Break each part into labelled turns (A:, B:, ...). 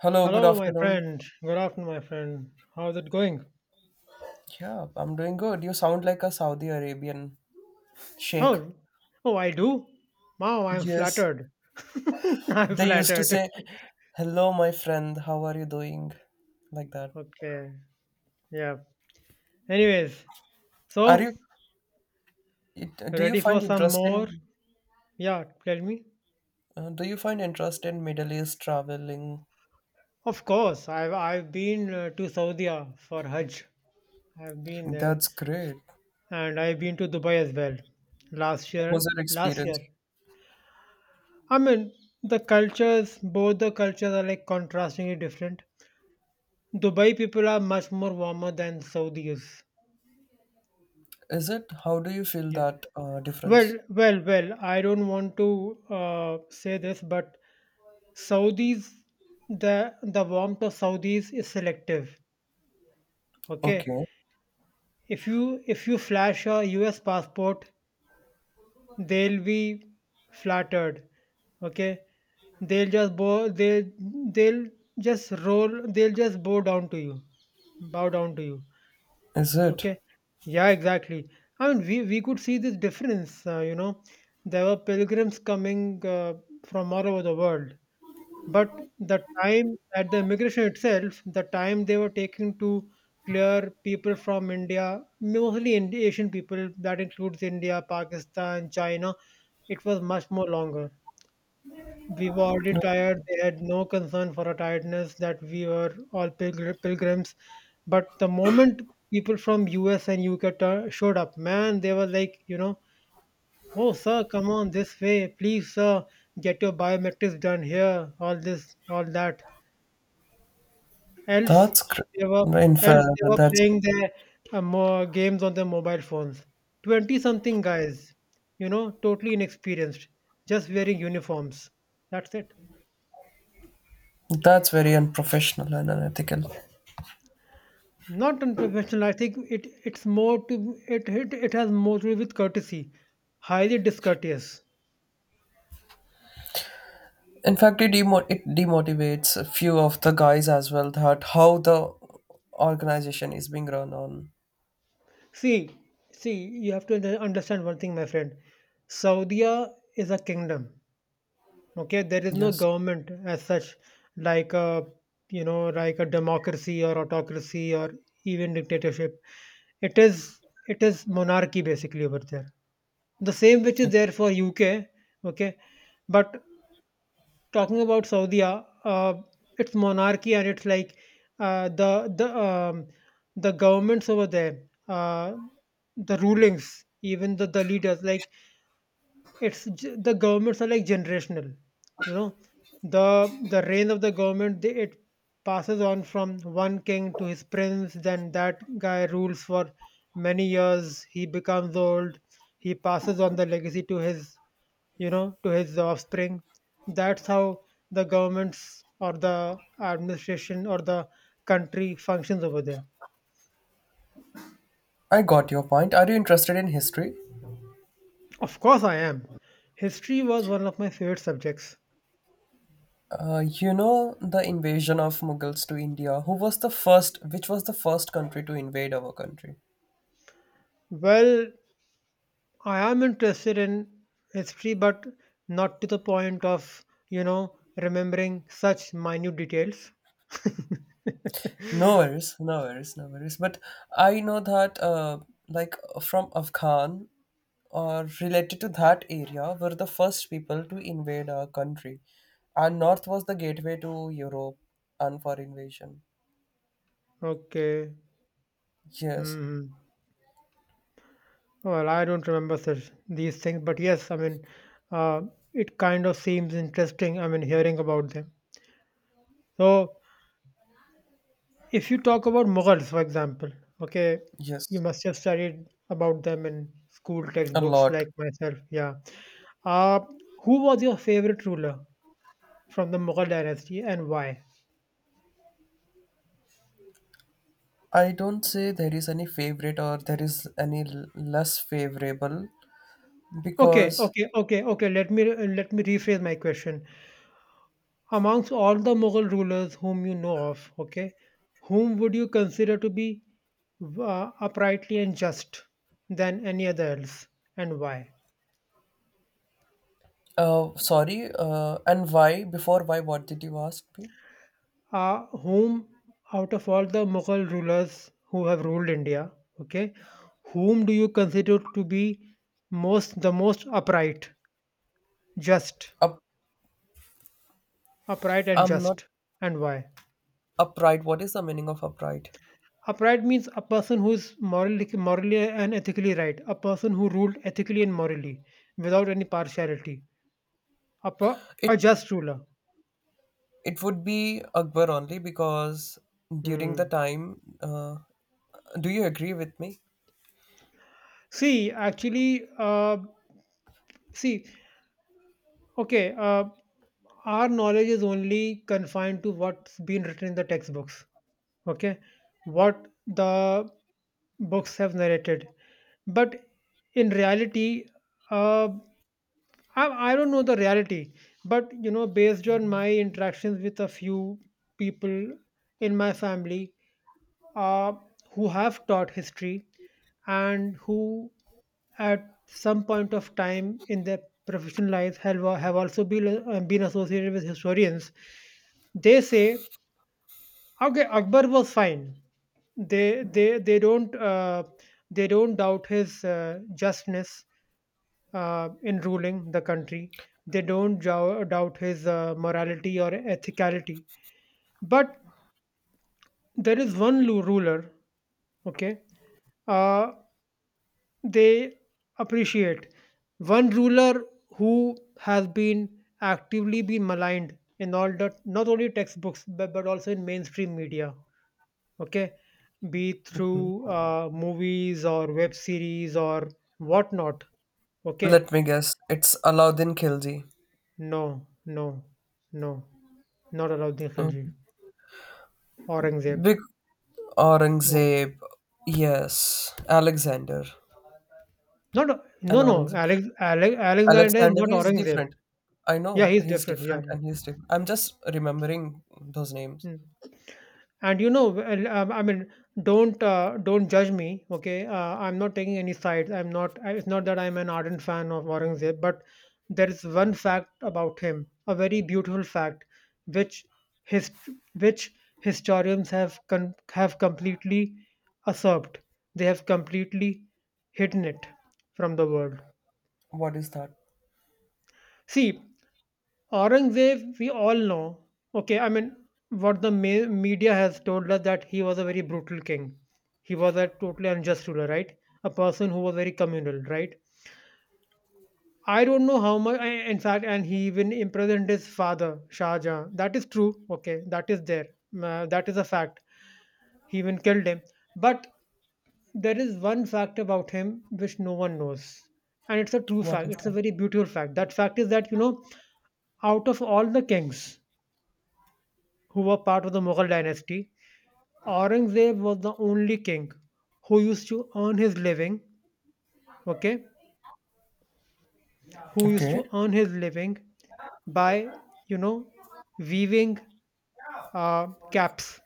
A: Hello, good
B: Hello, my
A: afternoon.
B: friend. Good afternoon, my friend. How's it going?
A: Yeah, I'm doing good. You sound like a Saudi Arabian sheikh.
B: Oh, oh, I do. Wow, I'm
A: Yes.
B: flattered. I'm
A: They used to
B: flattered.
A: say, "Hello, my friend. How are you doing?" Like that.
B: Okay, yeah. Anyways,
A: Are
B: so
A: you do you
B: ready
A: find
B: for some
A: interest
B: more?
A: in
B: Yeah, tell me.
A: do you find interest in Middle East traveling?
B: Of course, I've been to Saudi for Hajj. I've been there,
A: That's great.
B: and I've been to Dubai as well. Last
A: What was
B: year,
A: your
B: last year.
A: experience?
B: I mean, the cultures, both the cultures are like contrastingly different. Dubai people are much more warmer than Saudis.
A: Is it how do you feel
B: Yeah.
A: that difference?
B: Well. I don't want to say this, but Saudis, the warmth of Saudis is selective. Okay.
A: Okay.
B: If you flash a U.S. passport, they'll be flattered. Okay. They'll just bow. They'll just roll. They'll just bow down to you, bow down to you.
A: Is it?
B: Okay. Yeah, exactly. I mean, we could see this difference, you know. There were pilgrims coming from all over the world. But the time at the immigration itself, the time they were taking to clear people from India, mostly Asian people, that includes India, Pakistan, China, it was much more longer. We were already tired. They had no concern for our tiredness that we were all pilgrims. But the moment people from US and UK showed up, man, they were like, you know, oh, sir, come on this way. Please, sir, get your biometrics done here. All this, all that. Else,
A: That's great.
B: they were,
A: In
B: else
A: fact,
B: they were playing their games on their mobile phones. 20 something guys, you know, totally inexperienced, just wearing uniforms. That's it.
A: that's very unprofessional and unethical.
B: Not unprofessional. I think it's more to it has more to do with courtesy. Highly discourteous.
A: In fact, it demotivates a few of the guys as well that how the organization is being run on.
B: See, see you have to understand one thing, my friend. Saudi is a kingdom. Okay, there is no
A: Yes,
B: government as such, like a, you know, like a democracy or autocracy or even dictatorship. It is, it is monarchy basically over there, the same which is there for UK. Okay. But talking about Saudi, it's monarchy and it's like, uh, the the um, the governments over there, the rulings, even the leaders, like the governments are like generational. You know, the reign of the government it passes on from one king to his prince. Then that guy rules for many years. He becomes old. He passes on the legacy to his, you know, to his offspring. That's how the governments or the administration or the country functions over there.
A: I got your point. Are you interested in history?
B: Of course I am. History was one of my favorite subjects.
A: You know, the invasion of Mughals to India, who was the first which was the first country to invade our country?
B: Well, I am interested in history, but not to the point of, you know, remembering such minute details.
A: No worries, no worries, no worries. But I know that like, from Afghan or related to that area were the first people to invade our country, and north was the gateway to Europe and for invasion.
B: Okay.
A: Yes.
B: Hmm. Well, I don't remember such these things, but yes, I mean, uh, it kind of seems interesting. I mean, hearing about them. So if you talk about Mughals, for example, okay, you
A: Yes.
B: must have studied about them in school
A: A
B: textbooks
A: lot.
B: like myself. Yeah. Uh, who was your favorite ruler from the Mughal dynasty, and why?
A: I don't say there is any favorite or there is any less favorable,
B: Okay,
A: because
B: okay, okay, okay. Let me rephrase my question. Amongst all the Mughal rulers whom you know of, okay, whom would you consider to be uprightly and just than any other else, and why?
A: sorry, and why? Before why, what did you ask me?
B: Whom, out of all the Mughal rulers who have ruled India, okay, whom do you consider to be most the most upright, just,
A: Up
B: upright and
A: I'm not
B: just, and why?
A: Upright, what is the meaning of upright?
B: Upright means a person who is morally and ethically right, a person who ruled ethically and morally without any partiality, a, per- a
A: it
B: just ruler.
A: It would be Akbar, only because during the
B: Hmm.
A: time, do you agree with me?
B: See, actually, see, okay, our knowledge is only confined to what's been written in the textbooks. Okay, what the books have narrated, but in reality, uh, I don't know the reality, but you know, based on my interactions with a few people in my family, uh, who have taught history and who at some point of time in their professional lives have also been associated with historians. They say, okay, Akbar was fine. They don't they don't doubt his justness in ruling the country. They don't doubt his morality or ethicality. But there is one ruler, okay, uh, they appreciate. One ruler who has been actively been maligned in all the, not only textbooks, but also in mainstream media. Okay, be it through movies or web series or whatnot. Okay,
A: Let me guess. It's Alauddin Khilji.
B: no, no, no, not Alauddin Khilji,
A: Okay.
B: Aurangzeb.
A: Big
B: Or,
A: Aurangzeb. Yes, Alexander.
B: not no
A: And
B: no
A: Aurangzeb.
B: Alexander is
A: Alexander
B: not
A: is
B: Aurangzeb.
A: different. I
B: Yeah,
A: know
B: he's
A: he's
B: different. Yeah,
A: different,
B: yeah.
A: and he's different. I'm just remembering those names.
B: Hmm. And you know, well, I mean, don't judge me, okay, I'm not taking any sides. I'm not I- It's not that I'm an ardent fan of Aurangzeb, but there is one fact about him, a very beautiful fact, which his which historians have have completely usurped. They have completely hidden it from the world.
A: What is that?
B: See, Aurangzeb, we all know, okay, I mean, what the media has told us, that he was a very brutal king. He was a totally unjust ruler, right? A person who was very communal, right? I don't know how much, in fact, and he even imprisoned his father, Shah Jahan. That is true, okay, that is there. That is a fact. He even killed him. But there is one fact about him which no one knows. And it's a true
A: What
B: fact,
A: is
B: it's a
A: that?
B: very beautiful fact. That fact is that, you know, out of all the kings who were part of the Mughal dynasty, Aurangzeb was the only king who used to earn his living, okay, who used to
A: Okay.
B: earn his living by, you know, weaving caps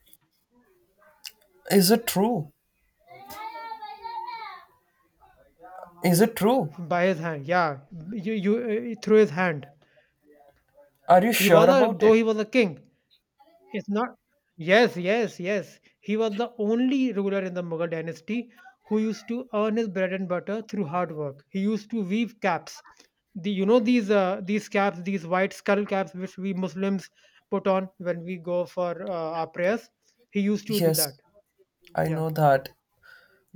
A: Is it true? Is it true?
B: by his hand. Yeah, you through his hand.
A: Are you
B: He
A: sure
B: was a
A: about
B: though
A: it?
B: he was a king, it's not. Yes, yes, yes. He was the only ruler in the Mughal dynasty who used to earn his bread and butter through hard work. He used to weave caps. The, you know, these caps, these white skull caps, which we Muslims put on when we go for our prayers. He used to do
A: Yes,
B: that.
A: I
B: Yeah,
A: know that.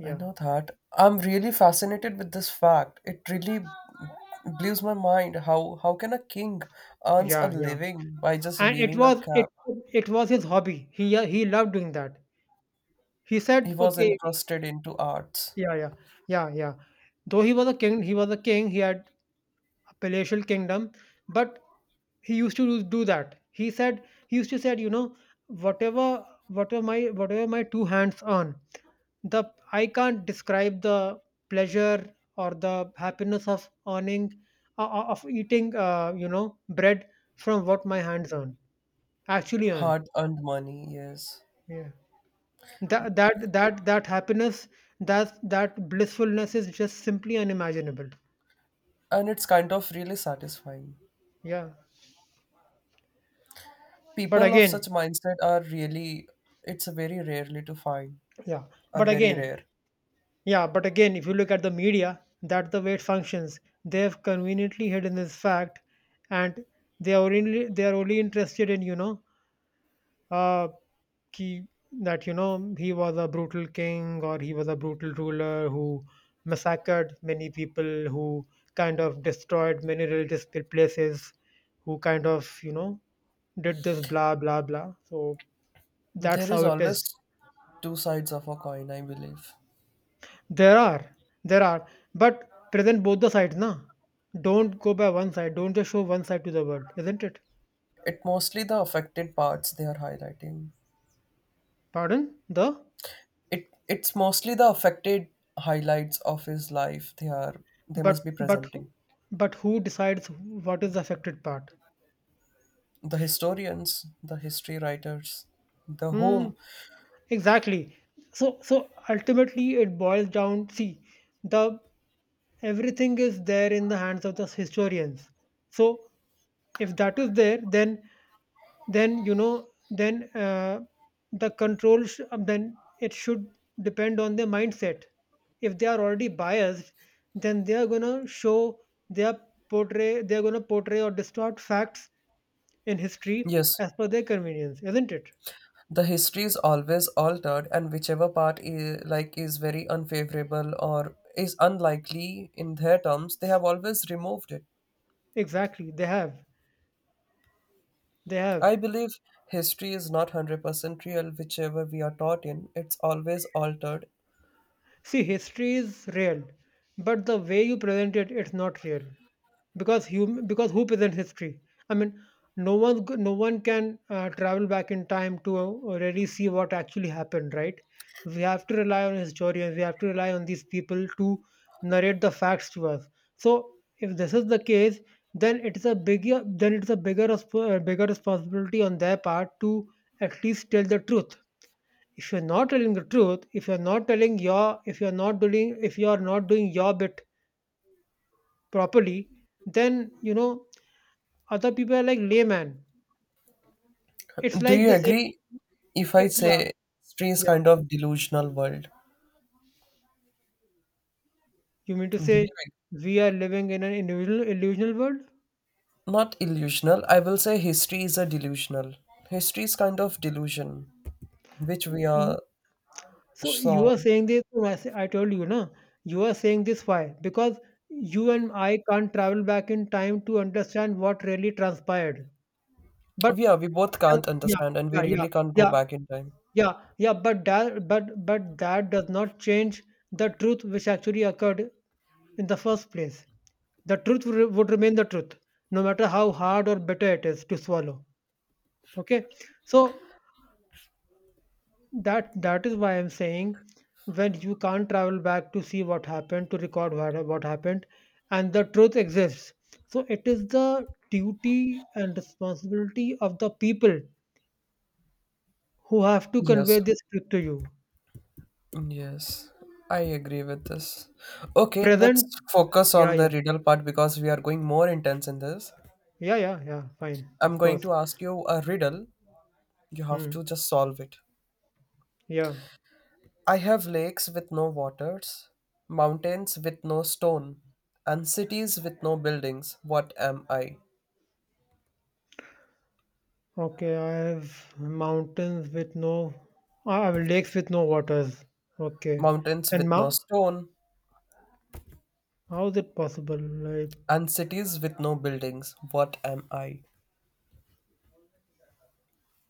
A: I know that. I'm really fascinated with this fact. It really blows my mind. How can a king earns a
B: yeah.
A: living by just
B: And it
A: weaving a
B: was it
A: cap?
B: it was his hobby. He loved doing that. He
A: He
B: said,
A: was
B: okay,
A: entrusted into arts.
B: yeah, yeah, yeah, yeah. Though he was a king, he was a king. He had a palatial kingdom, but he used to do that. He said, he used to said, you know, whatever whatever my two hands earn, the, I can't describe the pleasure or the happiness of earning, of eating, you know, bread from what my hands earn, actually earn.
A: Hard-earned money, yes.
B: Yeah, that happiness, that blissfulness is just simply unimaginable.
A: And it's kind of really satisfying.
B: Yeah, but
A: People of
B: again,
A: such mindset are really, it's very rarely to find,
B: yeah,
A: are
B: but
A: very
B: again,
A: rare.
B: yeah, but again, if you look at the media, that's the way it functions. They have conveniently hidden this fact, and they are only interested in, you know, uh, ki, that you know, he was a brutal king or he was a brutal ruler who massacred many people, who kind of destroyed many religious places, who kind of, you know, did this blah blah blah. So that's
A: There is
B: how it
A: always
B: is.
A: two sides of a coin, I believe.
B: There are, there are, but present both the sides, na? Don't go by one side. Don't just show one side to the world, isn't it?
A: It mostly the affected parts they are highlighting.
B: Pardon? The,
A: It's mostly the affected highlights of his life they are, they must
B: but
A: be
B: but who-
A: presenting.
B: but who decides what is the affected part?
A: The historians, the history writers, the
B: Hmm.
A: home.
B: Exactly. So so ultimately it boils down. See, the, everything is there in the hands of the historians. So if that is there, then, you know, then the then it should depend on their mindset. If they are already biased, then they are going to show their, portray they are going to portray or distort facts in history
A: Yes,
B: as per their convenience, isn't it?
A: the history is always altered, and whichever part is like is very unfavorable or is unlikely in their terms, they have always removed it.
B: Exactly, they have.
A: I believe history is not 100% real, whichever we are taught in, it's always altered.
B: See, history is real, but the way you present it, it's not real, because because who presents history? I mean, no one can travel back in time to really see what actually happened, right? We have to rely on historians. We have to rely on these people to narrate the facts to us. So, if this is the case, then it is a bigger then it is a bigger bigger responsibility on their part to at least tell the truth. If you're not telling the truth, if you're not doing, if you're not doing your bit properly, then you know, other people are like layman. It's
A: Do
B: like
A: you
B: the same.
A: agree if I
B: Yeah,
A: say history is
B: yeah,
A: kind of delusional world?
B: you mean to say
A: Believing.
B: we are living in an individual illusional world.
A: Not illusional. I will say history is a delusional. History is kind of delusion, which we
B: Mm.
A: are
B: So you
A: so.
B: are saying this. I told you na. You are saying this, why? Because you and I can't travel back in time to understand what really transpired. But
A: Yeah, we both can't
B: yeah
A: understand, and we
B: yeah
A: really
B: yeah
A: can't go
B: yeah
A: back in time.
B: Yeah, yeah, but that does not change the truth which actually occurred in the first place. The truth would would remain the truth, no matter how hard or bitter it is to swallow. Okay, so that is why I'm saying, when you can't travel back to see what happened, to record what happened, and the truth exists. So it is the duty and responsibility of the people who have to
A: Yes.
B: convey this truth to you.
A: Yes. I agree with this. Okay, let's
B: Present,
A: focus
B: yeah,
A: on the
B: yeah.
A: riddle part because we are going more intense in this.
B: Yeah, yeah, yeah, fine,
A: I'm
B: of
A: going
B: course.
A: to ask you a riddle. You have
B: Hmm.
A: to just solve it.
B: Yeah.
A: I have lakes with no waters, mountains with no stone, and cities with no buildings. What am I?
B: Okay, I have mountains with no, I have lakes with no waters. Okay.
A: Mountains
B: And
A: with no
B: ma-
A: stone,
B: how is it possible?
A: and cities with no buildings. What am I?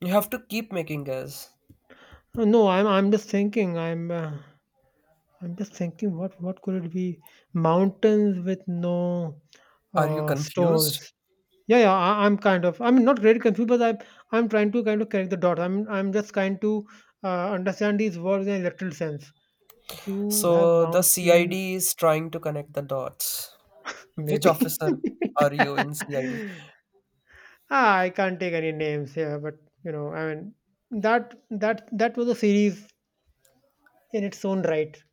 A: You have to keep making guess.
B: No, I'm just thinking. I'm just thinking. What could it be? Mountains with no
A: Are you confused?
B: stones. Yeah, yeah. I'm kind of. I'm not really confused, but I'm trying to kind of connect the dot. I'm just trying to understand these words in a literal sense. You have
A: So the
B: mountain,
A: CID is trying to connect the dots. Which
B: maybe.
A: officer are you in CID?
B: Ah, I can't take any names here, but you know, I mean that was a series in its own right.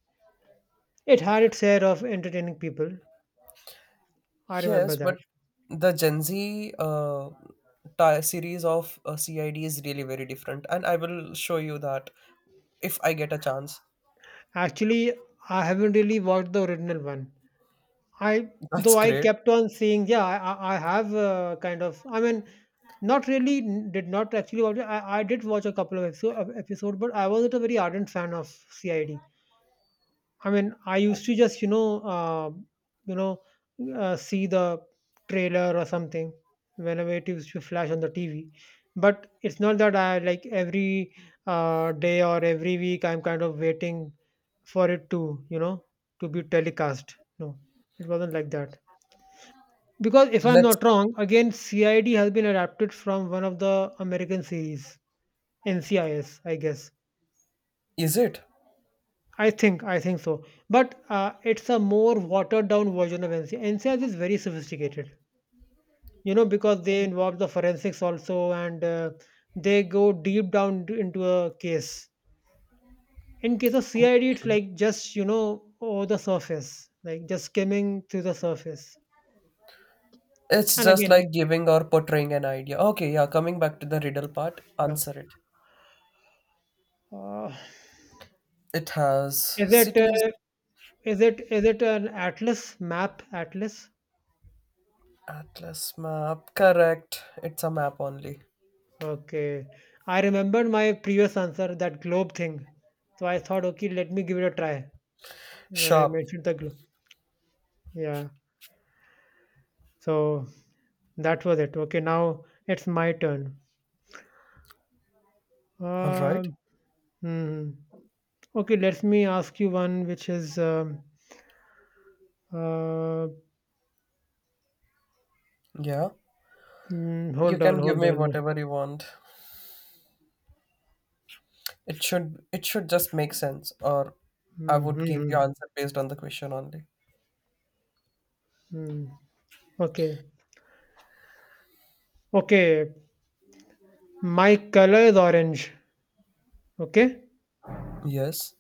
B: It had its share of entertaining people. I remember
A: Yes,
B: that.
A: but the Gen Z series of CID is really very different, and I will show you that if I get a chance.
B: Actually, I haven't really watched the original one. I
A: That's
B: though I
A: great.
B: kept on saying, yeah, I have kind of. I mean, not really did not actually watch. It. I did watch a couple of episode, but I wasn't a very ardent fan of CID. I mean, I used to just, you know, see the trailer or something whenever it used to flash on the TV. But it's not that I like every day or every week I'm kind of waiting for it to, to be telecast. No, it wasn't like that. Because if I'm
A: Let's.
B: not wrong, again, CID has been adapted from one of the American series, NCIS, I S, I guess.
A: Is it?
B: I think so. But it's a more watered down version of NCIS. NCIS is very sophisticated, you know, because they involve the forensics also, and they go deep down into a case. In case of CID, it's
A: Okay.
B: like just, you know, over the surface, like just skimming through the surface.
A: It's
B: And
A: just
B: again,
A: like giving or portraying an idea. Okay, yeah. Coming back to the riddle part,
B: yeah.
A: answer it.
B: Uh,
A: It has
B: is it
A: cities,
B: uh, is it an atlas, map, atlas?
A: atlas map. Correct. It's a map only.
B: Okay. I remembered my previous answer, that globe thing. So I thought, okay, let me give it a try when I
A: Sharp.
B: mentioned the globe. Yeah. So that was it. Okay, now it's my turn.
A: All right.
B: Um. hmm. Okay, let me ask you one, which is uh,
A: Yeah. You
B: hold on,
A: can give
B: hold
A: me
B: on.
A: whatever you want. It should it should just make sense, or I
B: Hmm.
A: would give you
B: hmm,
A: answer based on the question only.
B: hmm, hmm. Okay. Okay. My color is orange. Okay.
A: Yes,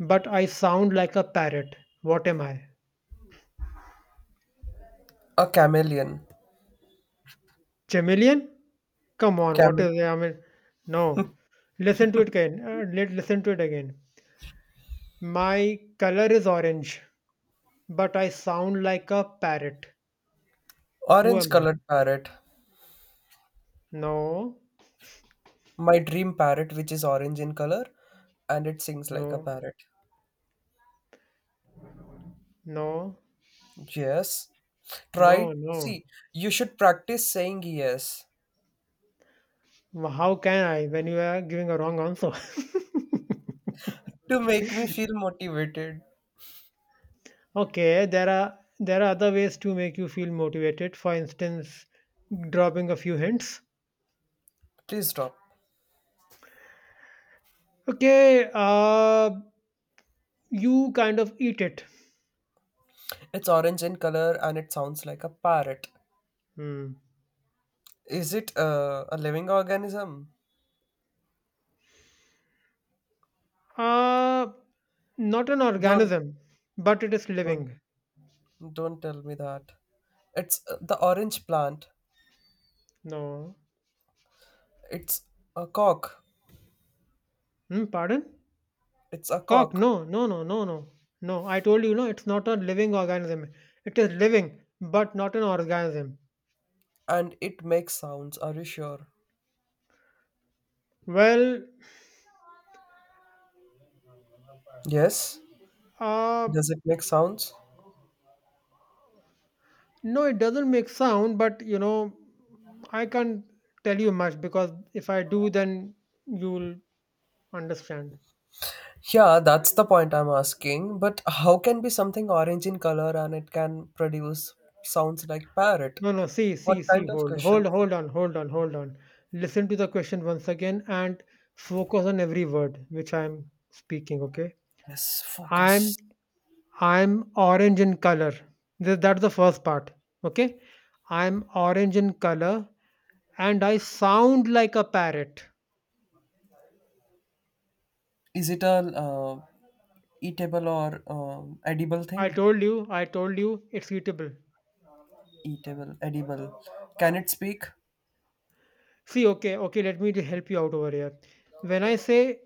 B: But I sound like a parrot. What am I?
A: a chameleon,
B: Chameleon? Come on, what
A: camel,
B: is, I mean, no. Listen to it again. Let listen to it again. My color is orange, but I sound like a parrot. Who
A: orange
B: am I?
A: colored parrot.
B: No,
A: My dream parrot, which is orange in color, and it sings like a
B: no,
A: parrot.
B: no,
A: Yes.
B: no,
A: Try
B: no.
A: see. You should practice saying yes
B: How can I when you are giving a wrong answer?
A: to make me feel motivated.
B: Okay, there are other ways to make you feel motivated. For instance, dropping a few hints.
A: Please stop.
B: Okay, you kind of eat it.
A: It's orange in color and it sounds like a parrot.
B: Hmm.
A: Is it a living organism?
B: Uh, Not an
A: Don't
B: organism, but it is
A: don't
B: living.
A: Don't tell me that. It's the orange plant.
B: No.
A: It's a cock.
B: Hmm, pardon?
A: It's a
B: Cock?
A: cock.
B: No, no, no, no, no. No, I told you, no, it's not a living organism. It is living, but not an organism.
A: And it makes sounds, are you sure?
B: Well,
A: Yes?
B: uh,
A: Does it make sounds?
B: no, it doesn't make sound, but you know, I can't tell you much, because if I do, then you'll understand.
A: Yeah, that's the point I'm asking. But how can be something orange in color and it can produce sounds like parrot?
B: No, no. See,
A: What
B: see, see.
A: kind of
B: Hold,
A: question
B: hold,
A: is it?
B: hold on, hold on, hold on. Listen to the question once again and focus on every word which I'm speaking. Okay.
A: Yes,
B: I'm,
A: focus.
B: I'm orange in color. That's the first part. Okay. I'm orange in color and I sound like a parrot.
A: Is it a uh, eatable or edible thing?
B: I told you, it's eatable.
A: Eatable, edible. Can it speak?
B: See, okay, okay. Let me help you out over here. When I say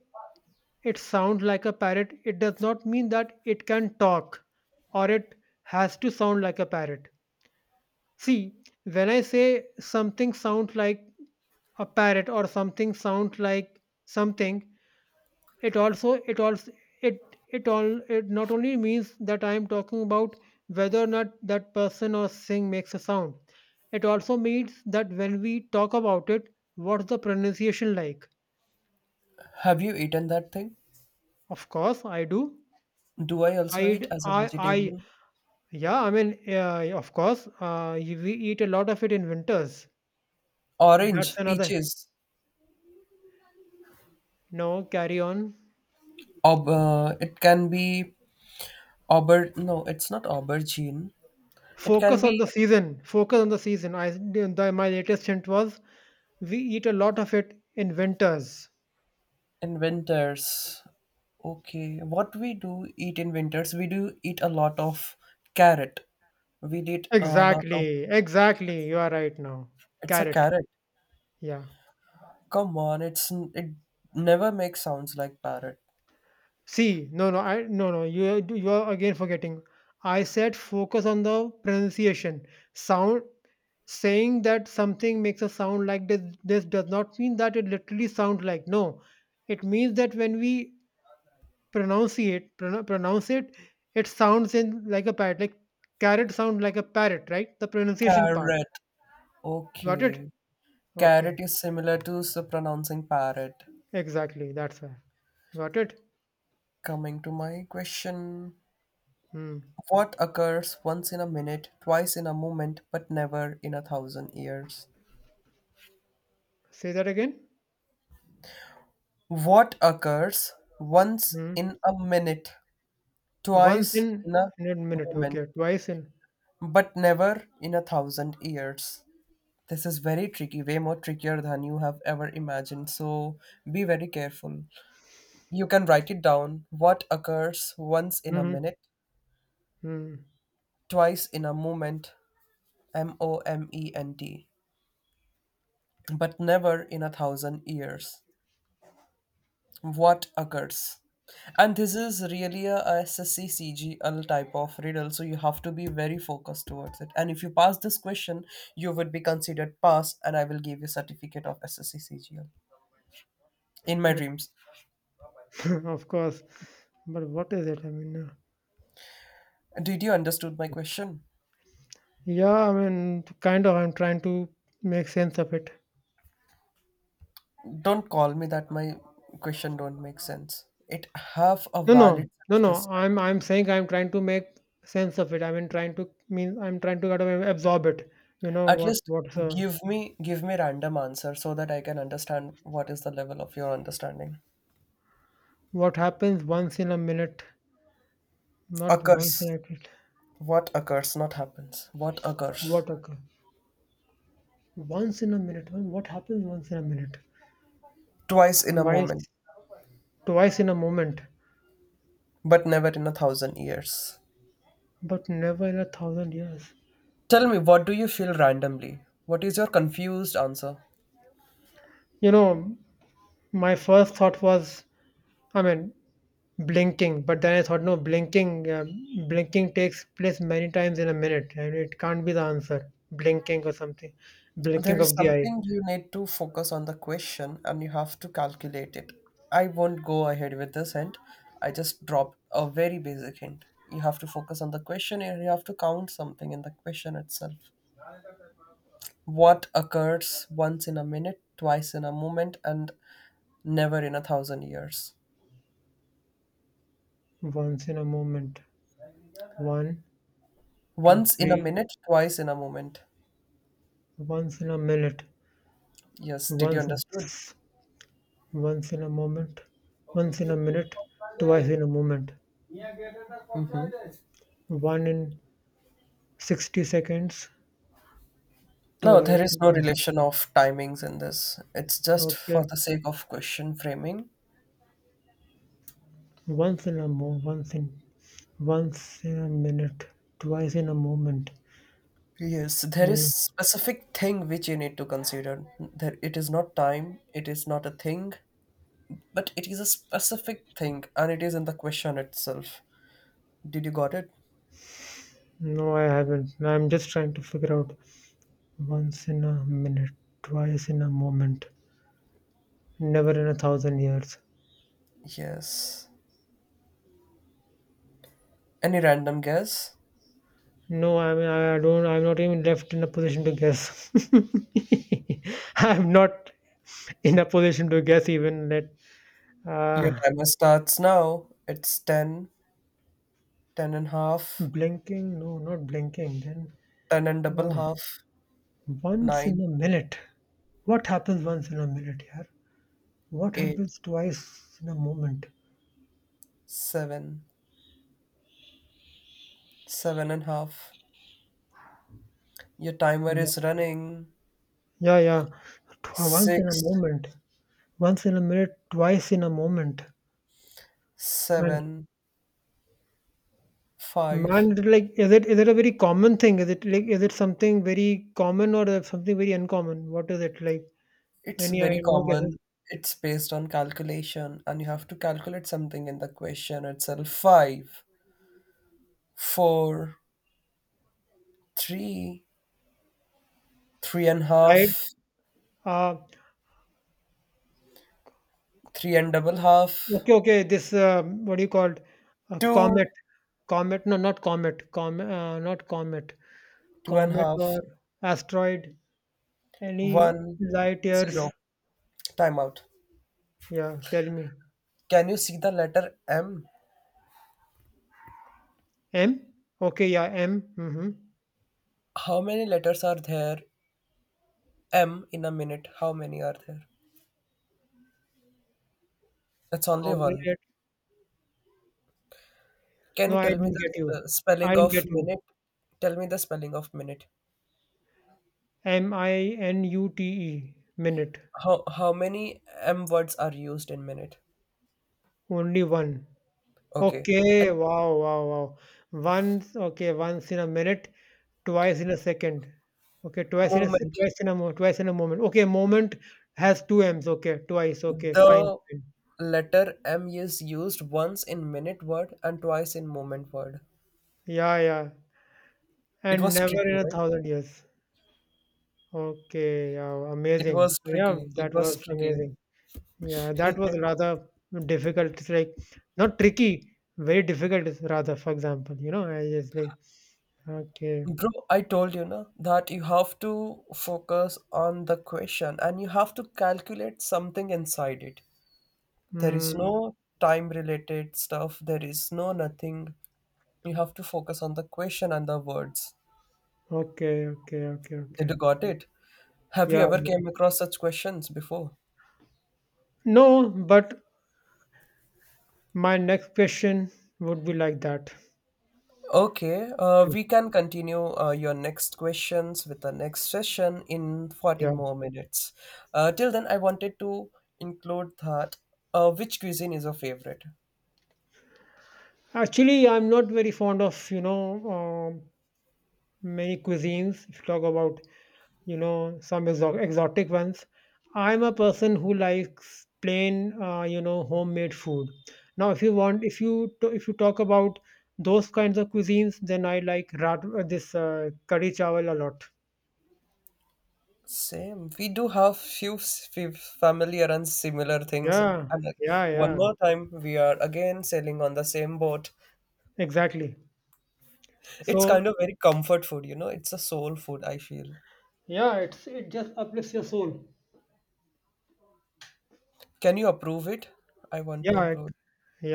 B: it sounds like a parrot, it does not mean that it can talk, or it has to sound like a parrot. See, when I say something sounds like a parrot, or something sounds like something, it also it also it all it not only means that I am talking about whether or not that person or thing makes a sound. It also means that when we talk about it, what's the pronunciation like?
A: Have you eaten that thing?
B: Of course, I do.
A: Do I also
B: I,
A: eat
B: d-
A: as a
B: I,
A: vegetarian?
B: Yeah, I mean, yeah, of course, we eat a lot of it in winters. That's
A: Orange,
B: another.
A: peaches.
B: No, carry on.
A: Ob, it can be auber. No, it's not aubergine. It can
B: Focus
A: be
B: on the season. Focus on the season. My latest hint was, we eat a lot of it in winters.
A: in winters. Okay, what we do eat in winters, we do eat a lot of carrot. We eat a lot of.
B: Exactly, exactly. You are right now.
A: It's a
B: Carrot.
A: carrot.
B: Yeah.
A: Come on, it never makes sounds like parrot.
B: See, no, no, no, no. You are again forgetting. I said focus on the pronunciation. Sound, saying that something makes a sound like this does not mean that it literally sounds like, no, it means that when we pronounce it, it sounds in like a parrot, like carrot sounds like a parrot, right? The pronunciation part,
A: Carrot.
B: got
A: Okay.
B: it. Okay,
A: Carrot is similar to pronouncing parrot.
B: exactly, that's why, got it.
A: Coming to my question.
B: Hmm.
A: What occurs once in a minute, twice in a moment, but never in a 1,000 years?
B: Say that again.
A: What occurs once
B: Hmm.
A: in a minute,
B: Once
A: twice in
B: in
A: a
B: in a minute,
A: moment,
B: okay, twice in.
A: but never in a thousand years? This is very tricky, way more trickier than you have ever imagined. So be very careful. You can write it down. What occurs once in a
B: hmm
A: minute,
B: hmm
A: twice in a moment, M O M E N T, but never in a thousand years. What occurs? And this is really a SSCCGL type of riddle, so you have to be very focused towards it, and if you pass this question, you would be considered pass, and I will give you certificate of SSCCGL in my dreams.
B: of course, but what is it? I mean,
A: Did you understood my question?
B: yeah, I mean, kind of. I'm trying to make sense of it.
A: Don't call me that my question don't make sense, it have a
B: No,
A: valid
B: no, no,
A: sense
B: no.
A: this
B: I'm
A: time.
B: I'm saying I'm trying to make sense of it. I mean, trying to mean, I'm trying to kind of absorb it. You know,
A: At least give me, give me random answer so that I can understand what is the level of your understanding.
B: what happens once in a minute, not once in a
A: Occurs.
B: minute.
A: What occurs, not happens. What occurs?
B: What occur once in a minute? Well, what happens once in a minute?
A: Twice in a
B: Twice,
A: moment,
B: twice in a moment,
A: but never in a thousand years.
B: but never in a thousand years.
A: Tell me, what do you feel randomly? What is your confused answer?
B: You know, my first thought was, I mean, blinking, but then I thought, no, blinking, blinking takes place many times in a minute, and it can't be the answer. Blinking or something,
A: There
B: blinking
A: is
B: of the eye.
A: something you need to focus on the question and you have to calculate it. I won't go ahead with this hint. I just dropped a very basic hint. You have to focus on the question and you have to count something in the question itself. What occurs once in a minute, twice in a moment, and never in a thousand years?
B: Once in a moment. One, two,
A: Once in a
B: three.
A: minute, twice in a moment.
B: Once in a minute.
A: Yes, did you
B: Once,
A: understood?
B: once in a moment. Once in a minute. Twice
A: Mhm.
B: in a moment. One in 60 seconds.
A: No, there
B: Twice
A: is
B: in
A: no
B: a mo-
A: relation of timings in this. It's just for
B: Okay.
A: the sake of question framing.
B: Once in a mo. Once in. Once in a minute. Twice in a moment.
A: Yes, there is
B: Hmm.
A: specific thing which you need to consider. There, it is not time, it is not a thing, but it is a specific thing, and it is in the question itself. Did you got it?
B: No, I haven't. I'm just trying to figure out once in a minute, twice in a moment, never in a thousand years.
A: Yes. Any random guess?
B: No, I mean, I don't, I'm not even left in a position to guess. I'm not in a position to guess even that.
A: Your
B: Uh,
A: timer starts now. It's 10, 10 and half,
B: Blinking? No, not blinking. Then,
A: 10 and double
B: uh,
A: half,
B: once
A: nine,
B: in a minute. What happens once in a minute, yeah? What
A: eight,
B: happens twice in a moment?
A: seven, seven and half. Your timer
B: Yeah,
A: is running.
B: yeah. Once in a
A: Six,
B: moment. Once in a minute, twice in a moment. And
A: seven, five.
B: man, it like, is it a very common thing? Is it like, is it something very common, or something very uncommon? What is it like?
A: It's
B: Any, I,
A: very
B: no guesses?
A: common. It's based on calculation, and you have to calculate something in the question itself. Five, four, three, three and
B: Right?
A: half,
B: Uh,
A: three and double half,
B: okay, okay. This, what do you call it? A comet,
A: two,
B: comet? No, not comet. Comet, not comet.
A: two and
B: Comet
A: half,
B: or asteroid? Any
A: one,
B: light
A: zero.
B: years?
A: Time out.
B: Yeah, tell me.
A: Can you see the letter M?
B: M? Okay, yeah, M. Mm-hmm.
A: How many letters are there? M in a minute. How many are there? That's only
B: How many?
A: one. Can
B: No,
A: you
B: I
A: tell me
B: didn't
A: the
B: get you. I
A: spelling
B: didn't
A: of
B: get you.
A: minute? Tell me the spelling of minute.
B: MINUTE, minute.
A: How many M words are used in minute?
B: Only one.
A: Okay.
B: Okay,
A: And
B: wow, wow, wow. Once, okay, once in a minute, twice in a second. Okay,
A: moment.
B: twice in a mo twice in a moment. Okay, moment has two Ms. Okay, twice. Okay, fine,
A: The
B: fine.
A: letter M is used once in minute word and twice in moment word.
B: Yeah, yeah.
A: It
B: And
A: was
B: never
A: tricky,
B: in a
A: right?
B: thousand years. Okay, yeah,
A: It
B: amazing.
A: was
B: Yeah,
A: tricky. It
B: that
A: was
B: was
A: tricky.
B: amazing. Yeah, that was rather difficult. It's like not tricky, very difficult rather, for example. You know, I just like. Okay.
A: Bro, I told you na that you have to focus on the question and you have to calculate something inside it. There is
B: Hmm.
A: no time related stuff, there is no nothing. You have to focus on the question and the words.
B: Okay, okay, okay,
A: Did
B: okay.
A: you got it? Have you
B: Yeah,
A: ever
B: yeah.
A: came across such questions before?
B: No, but my next question would be like that.
A: Okay,
B: Mm,
A: we can continue your next questions with the next session in 40
B: yeah.
A: more minutes. Till then, I wanted to include that which cuisine is your favorite?
B: Actually, I'm not very fond of, you know, um many cuisines. If you talk about, you know, some exotic ones, I'm a person who likes plain, you know, homemade food. Now, if you want, if you talk about those kinds of cuisines, then I like rat- this curry chawal a lot.
A: Same. We do have few familiar and similar things.
B: Yeah,
A: And like,
B: yeah,
A: one
B: yeah,
A: more time, we are again sailing on the same boat.
B: exactly.
A: It's
B: So,
A: kind of very comfort food, you know. It's a soul food, I feel.
B: yeah, it's it just uplifts your soul.
A: Can you approve it? I want to
B: yeah, it-
A: upload.
B: yeah.